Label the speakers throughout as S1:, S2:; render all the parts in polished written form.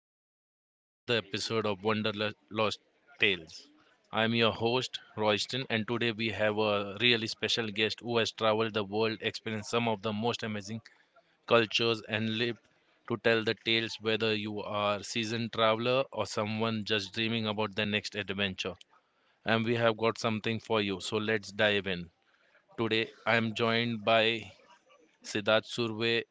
S1: everyone. Welcome to another episode of Wonderlost Tales. I'm your host, Royston, and today we have a really special guest who has traveled the world, experienced some of the most amazing cultures, and lived to tell the tales whether you are seasoned traveler or someone just dreaming about their next adventure. And we have got something for you, so let's dive in. Today, I'm joined by Siddharth Surve,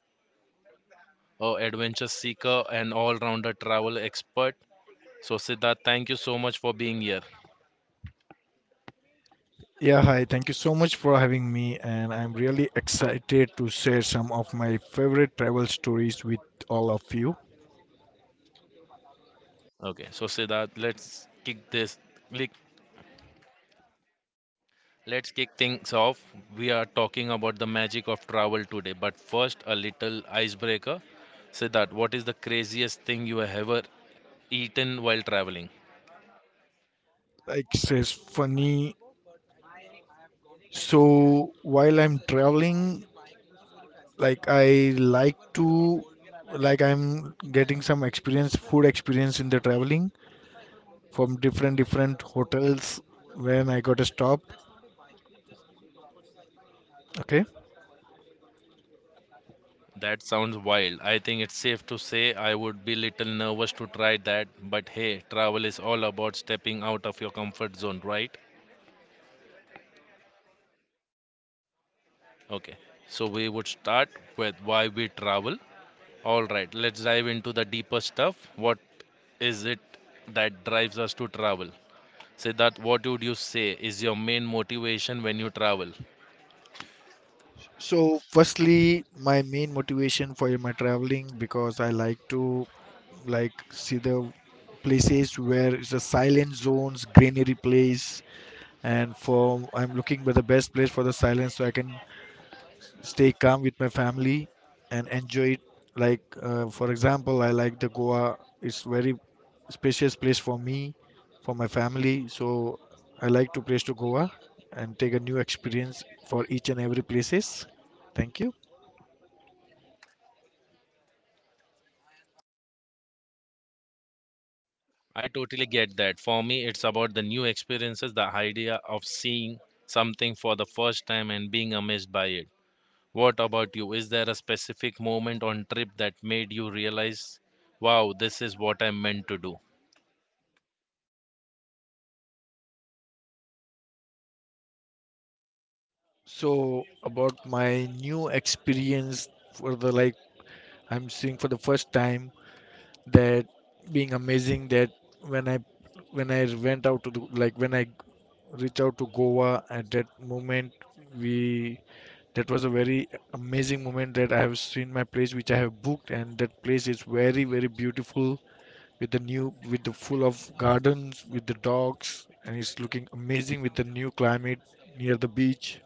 S1: a adventure seeker and all-rounder travel expert. So Siddharth, thank you so much for being here.
S2: Yeah, hi. Thank you so much for having me, and I'm really excited to share some of my favorite travel stories with all of you.
S1: Okay, so Siddharth, let's kick this. Like, let's kick things off. We are talking about the magic of travel today, but first a little icebreaker. Siddharth, what is the craziest thing you have ever eaten while traveling?
S2: It's funny. So, while I'm traveling, I like to, I'm getting some experience, food experience in the traveling from different hotels when I got a stop. Okay.
S1: That sounds wild. I think it's safe to say I would be little nervous to try that, but hey, travel is all about stepping out of your comfort zone, right? Okay. So we would start with why we travel. All right, let's dive into the deeper stuff. What is it that drives us to travel? Siddharth, what would you say is your main motivation when you travel?
S2: So, firstly, my main motivation for my traveling because I like to see the places where it's a silent zones, greenery place, and for I'm looking for the best place for the silence so I can stay calm with my family and enjoy it. Like for example, I like the Goa. It's very spacious place for me, for my family. So I like to place to Goa and take a new experience for each and every places. Thank you.
S1: I totally get that. For me, it's about the new experiences, the idea of seeing something for the first time and being amazed by it. What about you? Is there a specific moment on trip that made you realize, wow, this is what I'm meant to do?
S2: So about my new experience for the I'm seeing for the first time that being amazing that when I when I went out to the, like when I reached out to Goa at that moment we that was a very amazing moment that I have seen my place which I have booked, and that place is very very beautiful with the new with the full of gardens with the dogs, and it's looking amazing with the new climate near the beach.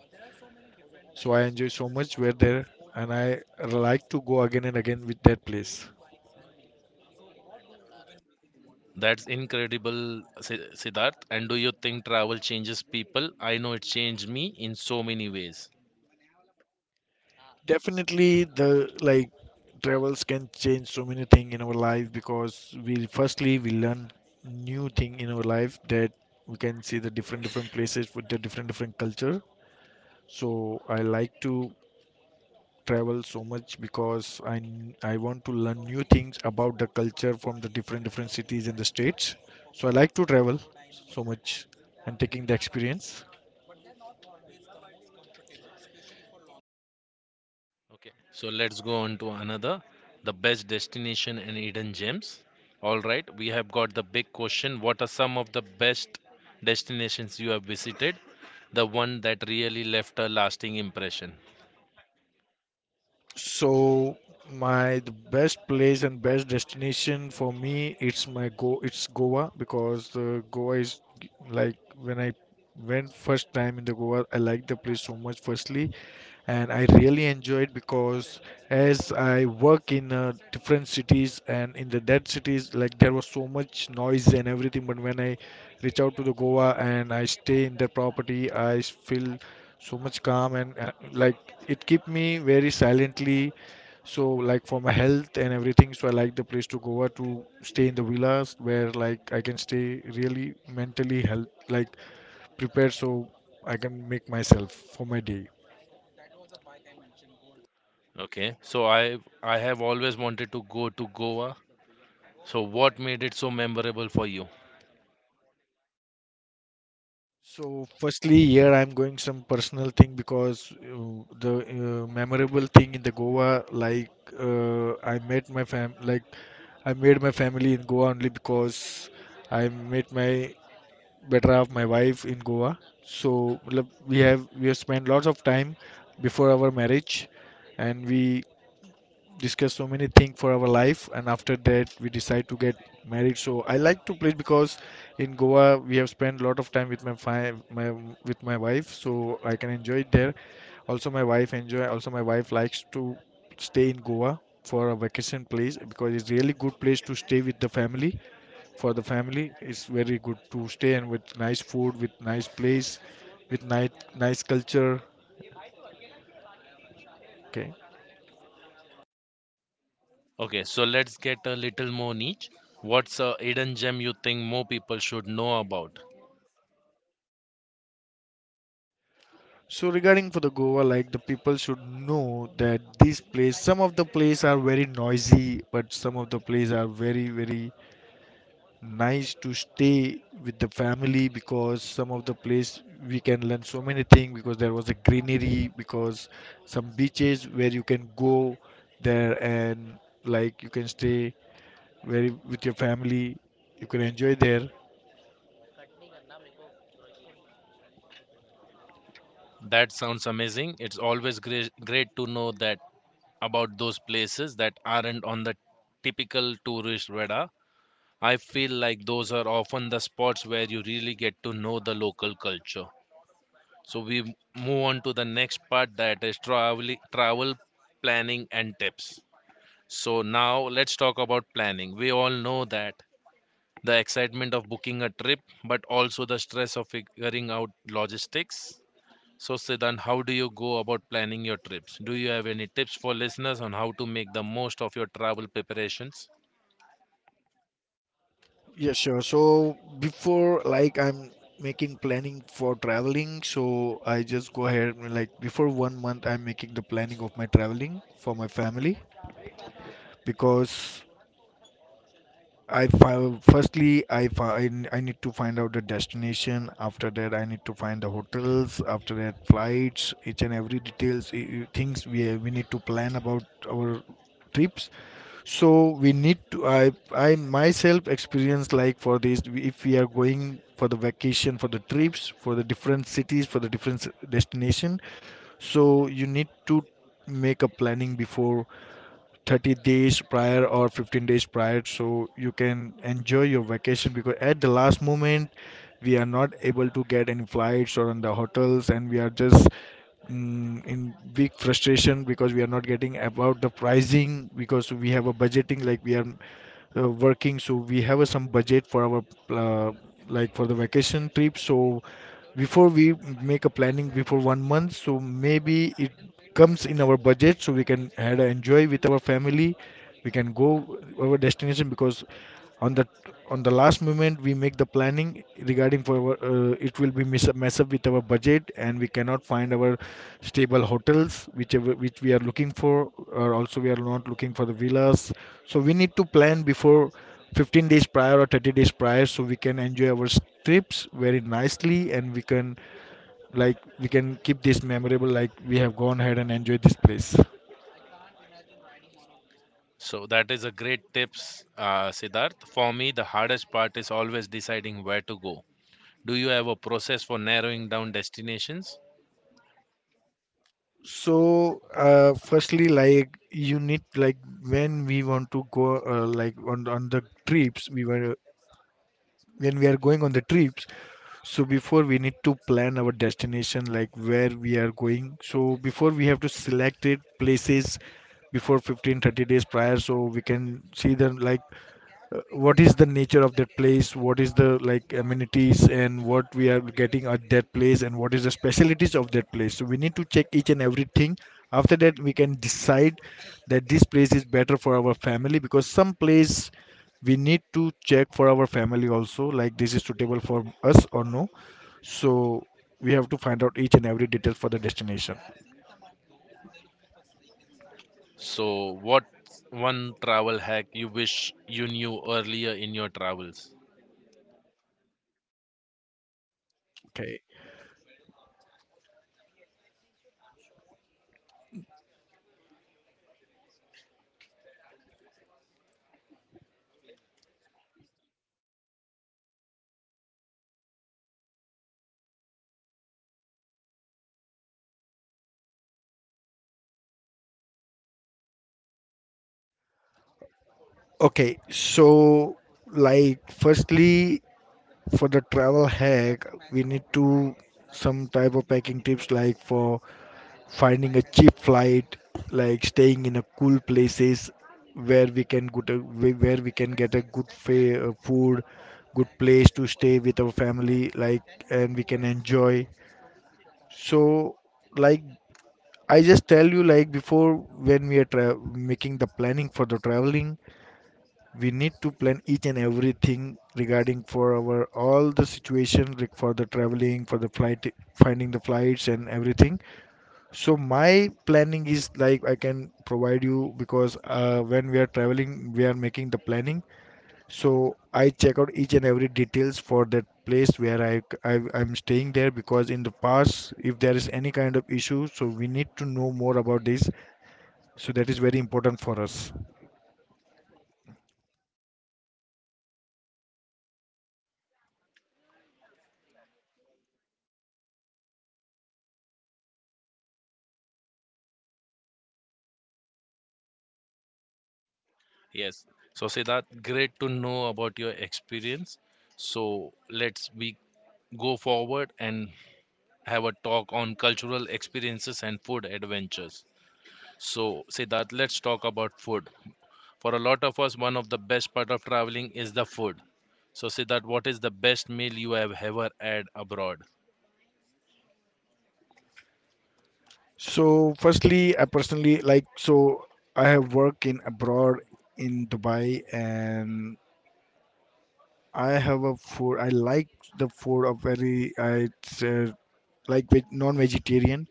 S2: So I enjoy so much where there, and I like to go again and again with that place.
S1: That's incredible, Siddharth. And do you think travel changes people? I know it changed me in so many ways.
S2: Definitely, the like travels can change so many things in our life because we firstly we learn new thing in our life that we can see the different different places with the different different culture. So I like to travel so much because I want to learn new things about the culture from the different different cities and the states. So I like to travel so much and taking the experience.
S1: Okay, so let's go on to another the best destination and hidden gems. All right, we have got the big question. What are some of the best destinations you have visited? The one that really left a lasting impression.
S2: So my the best place and best destination for me it's my go it's Goa because Goa is g- like when I went first time in the Goa, I liked the place so much firstly, and I really enjoyed because as I work in different cities and in the dead cities, like there was so much noise and everything. But when I reach out to the Goa and I stay in the property, feel so much calm and it keep me very silently. So like for my health and everything, so I like the place to Goa to stay in the villas where like I can stay really mentally health like prepared, so I can make myself for my day.
S1: Okay, so I have always wanted to go to Goa. So what made it so memorable for you?
S2: So, firstly, here I'm going some personal thing because the memorable thing in the Goa, like uh, I met my fam, like I made my family in Goa only because I met my better half, my wife in Goa. So, matlab, we have spent lots of time before our marriage, and we discuss so many things for our life, and after that we decide to get married. So I like to play because in Goa we have spent a lot of time with my, fi- my with my wife, so I can enjoy it there. Also my wife enjoy, also my wife likes to stay in Goa for a vacation place because it's really good place to stay with the family. For the family it's very good to stay, and with nice food with nice place with nice culture. Okay.
S1: Okay, so let's get a little more niche. What's a hidden gem you think more people should know about?
S2: So regarding for the Goa, like the people should know that these place, some of the place are very noisy, but some of the place are very very nice to stay with the family because some of the place we can learn so many things because there was a greenery, because some beaches where you can go there, and like you can stay very with your family, you can enjoy there.
S1: That sounds amazing. It's always great to know that about those places that aren't on the typical tourist radar. I feel like those are often the spots where you really get to know the local culture. So we move on to the next part that is travel planning and tips. So now let's talk about planning. We all know that the excitement of booking a trip, but also the stress of figuring out logistics. So, Siddhan, how do you go about planning your trips? Do you have any tips for listeners on how to make the most of your travel preparations?
S2: Yeah, sure. So before like I'm making planning for traveling, so I just go ahead, and like before 1 month I'm making the planning of my traveling for my family because I fi- firstly I, fi- I n- I need to find out the destination. After that I need to find the hotels. After that flights, each and every details things we need to plan about our trips. So we need to I myself experience like for this. If we are going for the vacation, for the trips, for the different cities, for the destination, so you need to make a planning before 30 days prior or 15 days prior so you can enjoy your vacation. Because at the last moment we are not able to get any flights or in the hotels, and we are just in big frustration because we are not getting about the pricing, because we have a budgeting. Like we are working, so we have some budget for our uh, like for the vacation trip. So before we make a planning before 1 month, so maybe it comes in our budget, so we can had a enjoy with our family, we can go our destination. Because on the last moment we make the planning regarding for our, it will be mess up with our budget, and we cannot find our stable hotels whichever which we are looking for, or also we are not looking for the villas. So we need to plan before 15 days prior or 30 days prior so we can enjoy our trips very nicely, and we can we can keep this memorable like we have gone ahead and enjoyed this place.
S1: So that is a great tips, Siddharth. For me, the hardest part is always deciding where to go. Do you have a process for narrowing down destinations?
S2: So, firstly, like you need like when we want to go on the trips, we were when we are going on the trips. So before we need to plan our destination, like where we are going. So before we have to select it places before 15 30 days prior so we can see them like what is the nature of that place, what is the like amenities, and what we are getting at that place, and what is the specialities of that place. So we need to check each and everything. After that we can decide that this place is better for our family, because some place we need to check for our family also, like this is suitable for us or no. So we have to find out each and every detail for the destination.
S1: So what one travel hack you wish you knew earlier in your travels?
S2: Okay. okay so firstly, for the travel hack, we need to some type of packing tips like for finding a cheap flight, like staying in a cool places where we can get a, where we can get a food, good place to stay with our family, like and we can enjoy. So like I just tell you like before when we are making the planning for the traveling, we need to plan each and everything regarding for our all the situation like for the traveling for the flight, finding the flights and everything. So my planning is like I can provide you. Because when we are traveling we are making the planning, so I check out each and every details for that place where I'm staying there, because in the past if there is any kind of issue, so we need to know more about this. So that is very important for us.
S1: Yes. So, Siddharth, great to know about your experience. So, let's we go forward and have a talk on cultural experiences and food adventures. So, Siddharth, let's talk about food. For a lot of us, one of the best part of traveling is the food. So, Siddharth, what is the best meal you have ever had abroad?
S2: So, firstly, I personally like so I have worked in abroad in Dubai, and I have a food. I like the food of very I it's non-vegetarian,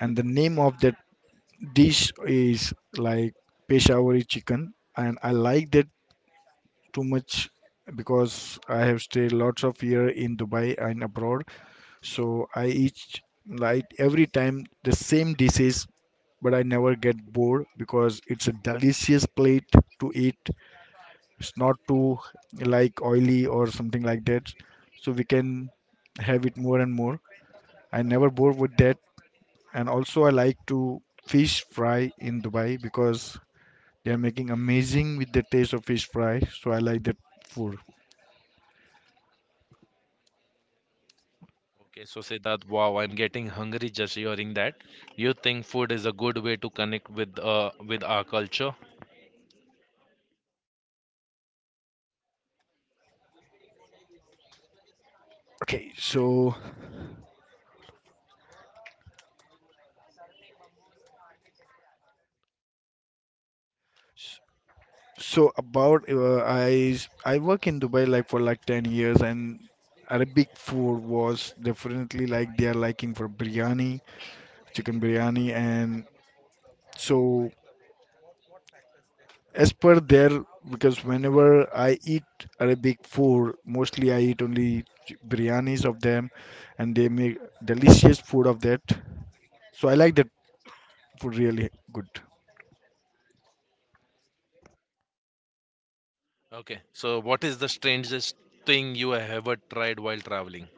S2: and the name of that dish is like Peshawari chicken, and I like that too much because I have stayed lots of year in Dubai and abroad. So I each like every time the same dishes, but I never get bored because it's a delicious plate to eat. It's not too like oily or something like that, so we can have it more and more. I never bored with that. And also I like to fish fry in Dubai, because they are making amazing with the taste of fish fry, so I like that food.
S1: Okay, so Siddharth, wow, I'm getting hungry just hearing that. Do you think food is a good way to connect with our culture?
S2: okay so So about I work in Dubai like for like 10 years, and Arabic food was definitely like they are liking for biryani, chicken biryani, and so as per their, because whenever I eat Arabic food mostly I eat only biryanis of them, and they make delicious food of that. So I like that food really good.
S1: Okay, so what is the strangest thing you have ever tried while traveling?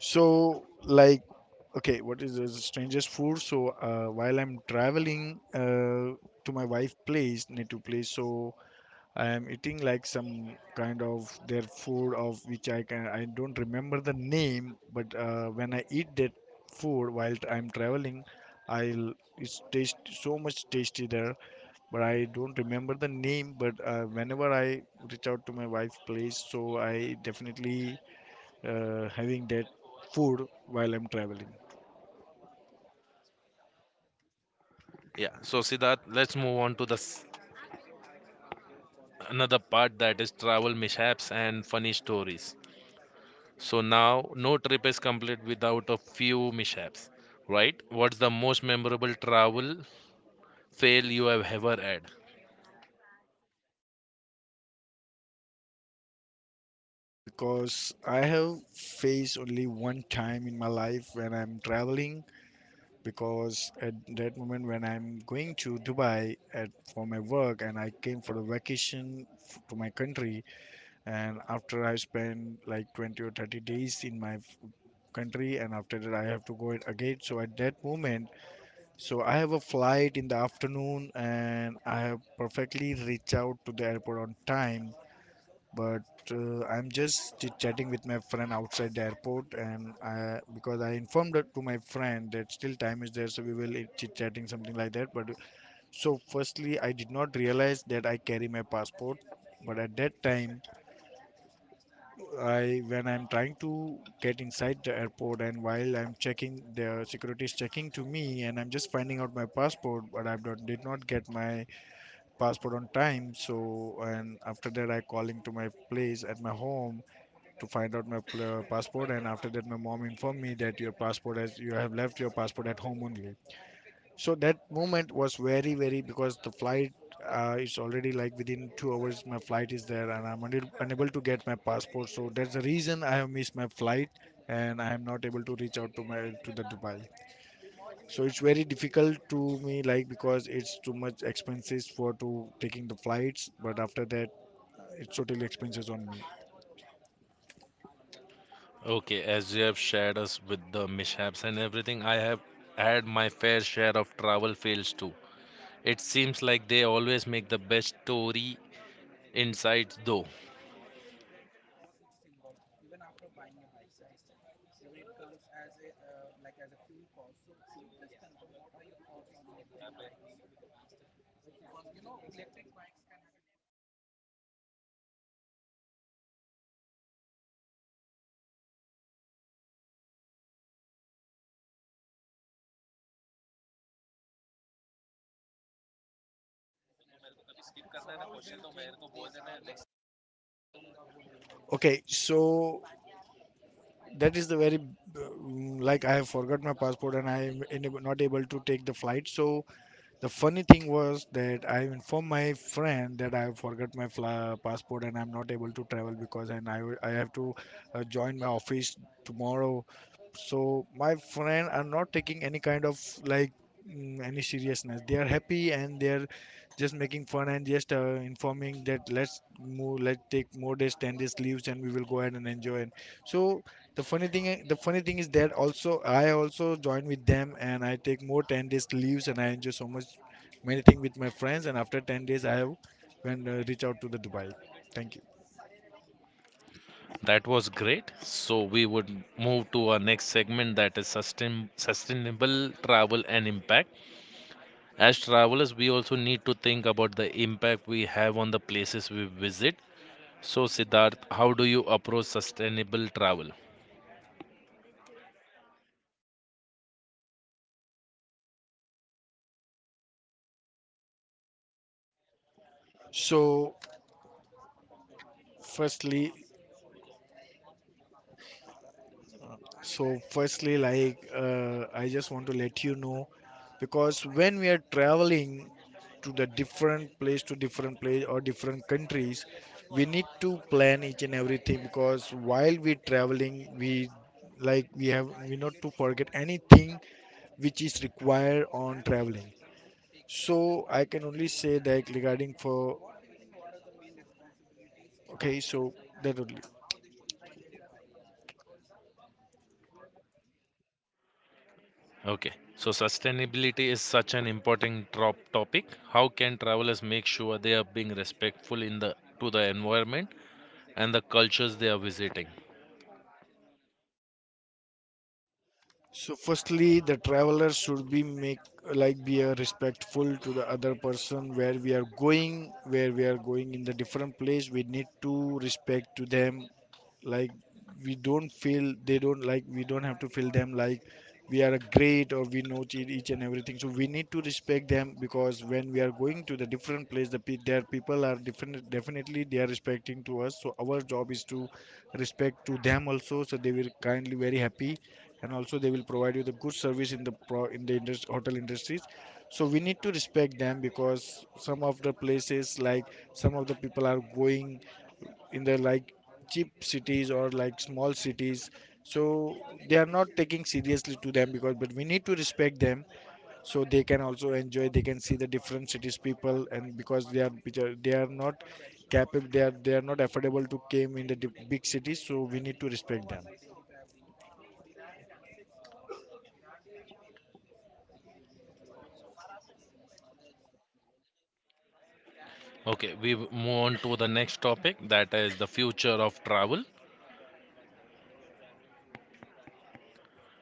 S2: So, like, okay, what is the strangest food? So, while I'm traveling to my wife' place, native place, so I am eating like some kind of their food of which I don't remember the name. But when I eat that food while I'm traveling, I'll it's taste so much tasty there, but I don't remember the name. But whenever I reach out to my wife's place, so I definitely having that food while I'm traveling.
S1: Yeah, so Siddharth, let's move on to the another part that is travel mishaps and funny stories. So now, no trip is complete without a few mishaps, right? What's the most memorable travel fail you have ever had?
S2: Because I have faced only one time in my life when I'm traveling. Because at that moment when I'm going to Dubai at, for my work and I came for a vacation to my country, and after I spent like 20 or 30 days in my country and after that I have to go it again. So at that moment, so I have a flight in the afternoon and I have perfectly reached out to the airport on time, but I'm just chit chatting with my friend outside the airport and I, because I informed it to my friend that still time is there, so we will chit chatting something like that. But so firstly I did not realize that I carry my passport, but at that time I, when I'm trying to get inside the airport and while I'm checking, the security is checking to me and I'm just finding out my passport, but I don't, did not get my passport on time. So, and after that, I calling to my place at my home to find out my passport. And after that, my mom informed me that your passport has you have left your passport at home only. So that moment was very because the flight. Is already like within 2 hours my flight is there and I'm unable to get my passport, so that's the reason I have missed my flight and I am not able to reach out to my to the Dubai. So it's very difficult to me like because it's too much expenses for to taking the flights, but after that it's totally expenses on me.
S1: Okay, as you have shared us with the mishaps and everything, I have had my fair share of travel fails too. It seems like they always make the best story insights though.
S2: Okay, so that is the very like I have forgot my passport and I am not able to take the flight. So the funny thing was that I informed my friend that I forgot my passport and I'm not able to travel, because and I have to join my office tomorrow. So my friend are not taking any kind of like any seriousness. They are happy and they are just making fun and just informing that let's take more days 10 days leaves and we will go ahead and enjoy it. So the funny thing is that also I also join with them and I take more 10 days leaves and I enjoy so much many things with my friends, and after 10 days I have when reach out to the Dubai. Thank you.
S1: That was great. So we would move to our next segment that is sustainable travel and impact. As travelers, we also need to think about the impact we have on the places we visit. So Siddharth, how do you approach sustainable travel?
S2: so firstly So, firstly, like I just want to let you know, because when we are traveling to different place or different countries, we need to plan each and everything because while we traveling, we like we have we not to forget anything which is required on traveling. So I can only say that regarding for, okay, so that only.
S1: Okay. So sustainability is such an important topic. How can travelers make sure they are being respectful in the to the environment and the cultures they are visiting?
S2: So firstly, the traveler should be make like be a respectful to the other person where we are going in the different place. We need to respect to them. Like we don't feel they don't like we don't have to feel them like we are great or we know each and everything, so we need to respect them, because when we are going to the different place, the their people are different, definitely they are respecting to us, so our job is to respect to them also, so they will kindly very happy and also they will provide you the good service in the pro, in the indus- hotel industries. So we need to respect them because some of the places like some of the people are going in the like cheap cities or like small cities. So they are not taking seriously to them because but we need to respect them, so they can also enjoy, they can see the different cities people. And because they are they are not capable, they are not affordable to came in the big cities, so we need to respect them.
S1: Okay, we move on to the next topic that is the future of travel.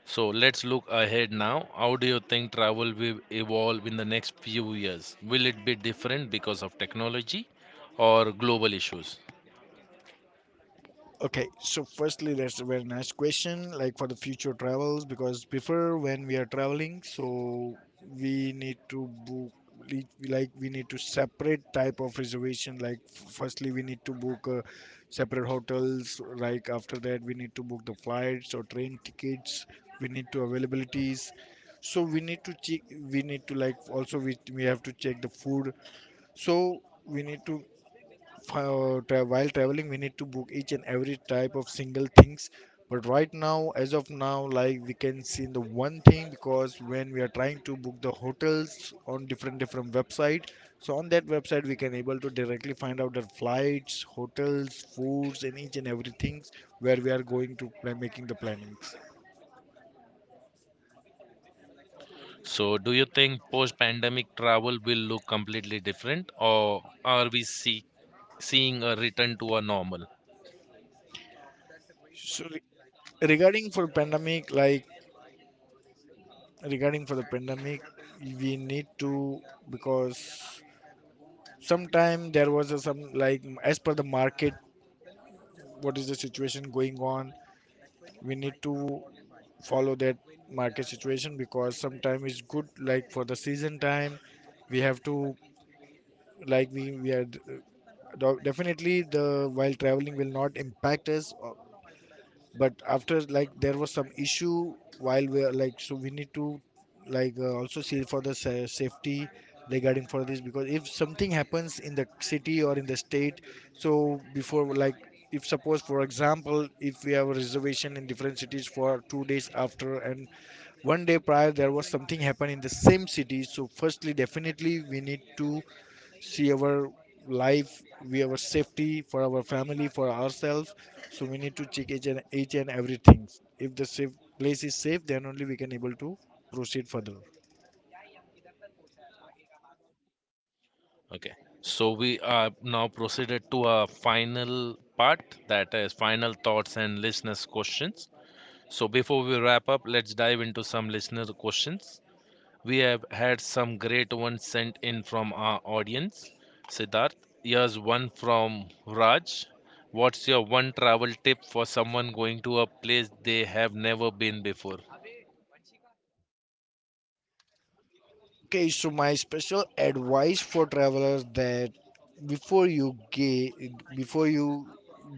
S1: So let's look ahead now. How do you think travel will evolve in the next few years? Will it be different because of technology or global issues?
S2: Okay, so firstly, that's a very nice question, like for the future travels, because before when we are traveling, so we need to book, we like we need to separate type of reservation. Like firstly, we need to book separate hotels. Like after that, we need to book the flights or train tickets. We need to availabilities. So we need to check. We need to like also we have to check the food. So we need to while traveling we need to book each and every type of single things. But right now as of now like we can see the one thing, because when we are trying to book the hotels on different different website, so on that website we can able to directly find out the flights, hotels, foods and each and everything where we are going to plan, making the plannings.
S1: So, do you think post pandemic travel will look completely different or are we seeing a return to a normal?
S2: So regarding for pandemic, like regarding for the pandemic, we need to, because sometime there was a, some like as per the market, what is the situation going on, we need to follow that market situation, because sometime it's good like for the season time, we have to like we are definitely the while traveling will not impact us, but after like there was some issue while we are like, so we need to like also see for the safety regarding for this, because if something happens in the city or in the state. So before like if suppose for example if we have a reservation in different cities for 2 days after and one day prior there was something happen in the same city, so firstly definitely we need to see our life, we our safety for our family for ourselves. So we need to check each and everything. If the safe, place is safe, then only we can able to proceed further.
S1: Okay. So, we are now proceeded to a final part that is final thoughts and listeners' questions. So, before we wrap up, let's dive into some listener questions. We have had some great ones sent in from our audience. Siddharth, here's one from Raj. What's your one travel tip for someone going to a place they have never been before?
S2: Okay, so my special advice for travelers that before you ga- before you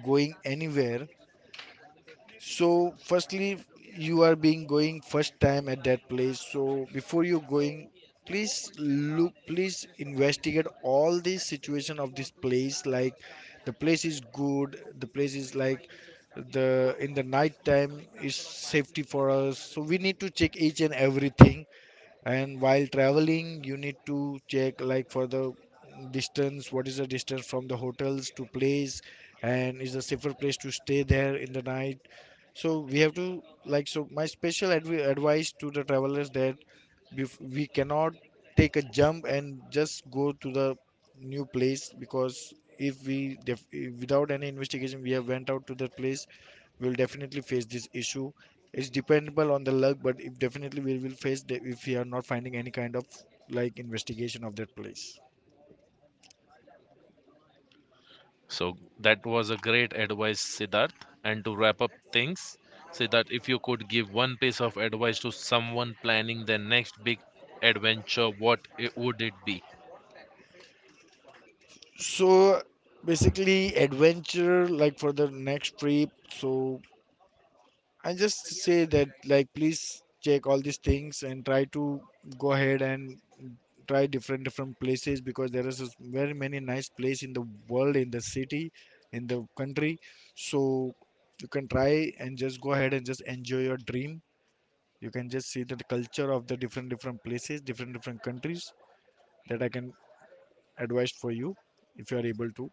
S2: going anywhere, so, firstly, you are being going first time at that place. So, before you going, please look, please investigate all the situation of this place. Like, the place is good. The place is like the in the night time is safety for us. So we need to check each and everything. And while traveling you need to check like for the distance, what is the distance from the hotels to place, and is a safer place to stay there in the night. So we have to like, so my special advice to the travelers that we cannot take a jump and just go to the new place, because if we without any investigation we have went out to that place, we'll definitely face this issue. It's dependable on the luck, but if definitely we will face if we are not finding any kind of like investigation of that place.
S1: So that was a great advice, Siddharth. And to wrap up things, Siddharth, if you could give one piece of advice to someone planning their next big adventure, would it be?
S2: So basically adventure like for the next trip, so I just say that like please check all these things and try to go ahead and try different different places, because there is a very many nice place in the world, in the city, in the country. So you can try and just go ahead and just enjoy your dream. You can just see the culture of the different different places, different different countries. That I can advise for you, if you are able to.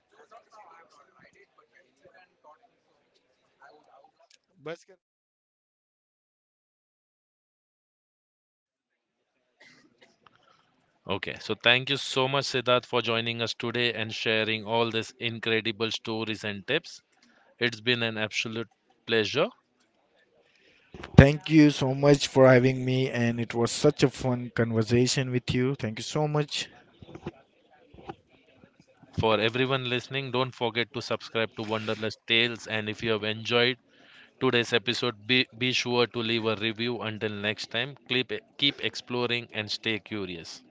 S1: Okay, so thank you so much, Siddharth, for joining us today and sharing all these incredible stories and tips. It's been an absolute pleasure.
S2: Thank you so much for having me, and it was such a fun conversation with you. Thank you so much.
S1: For everyone listening, don't forget to subscribe to Wonderless Tales. And if you have enjoyed today's episode, be sure to leave a review. Until next time, keep exploring and stay curious.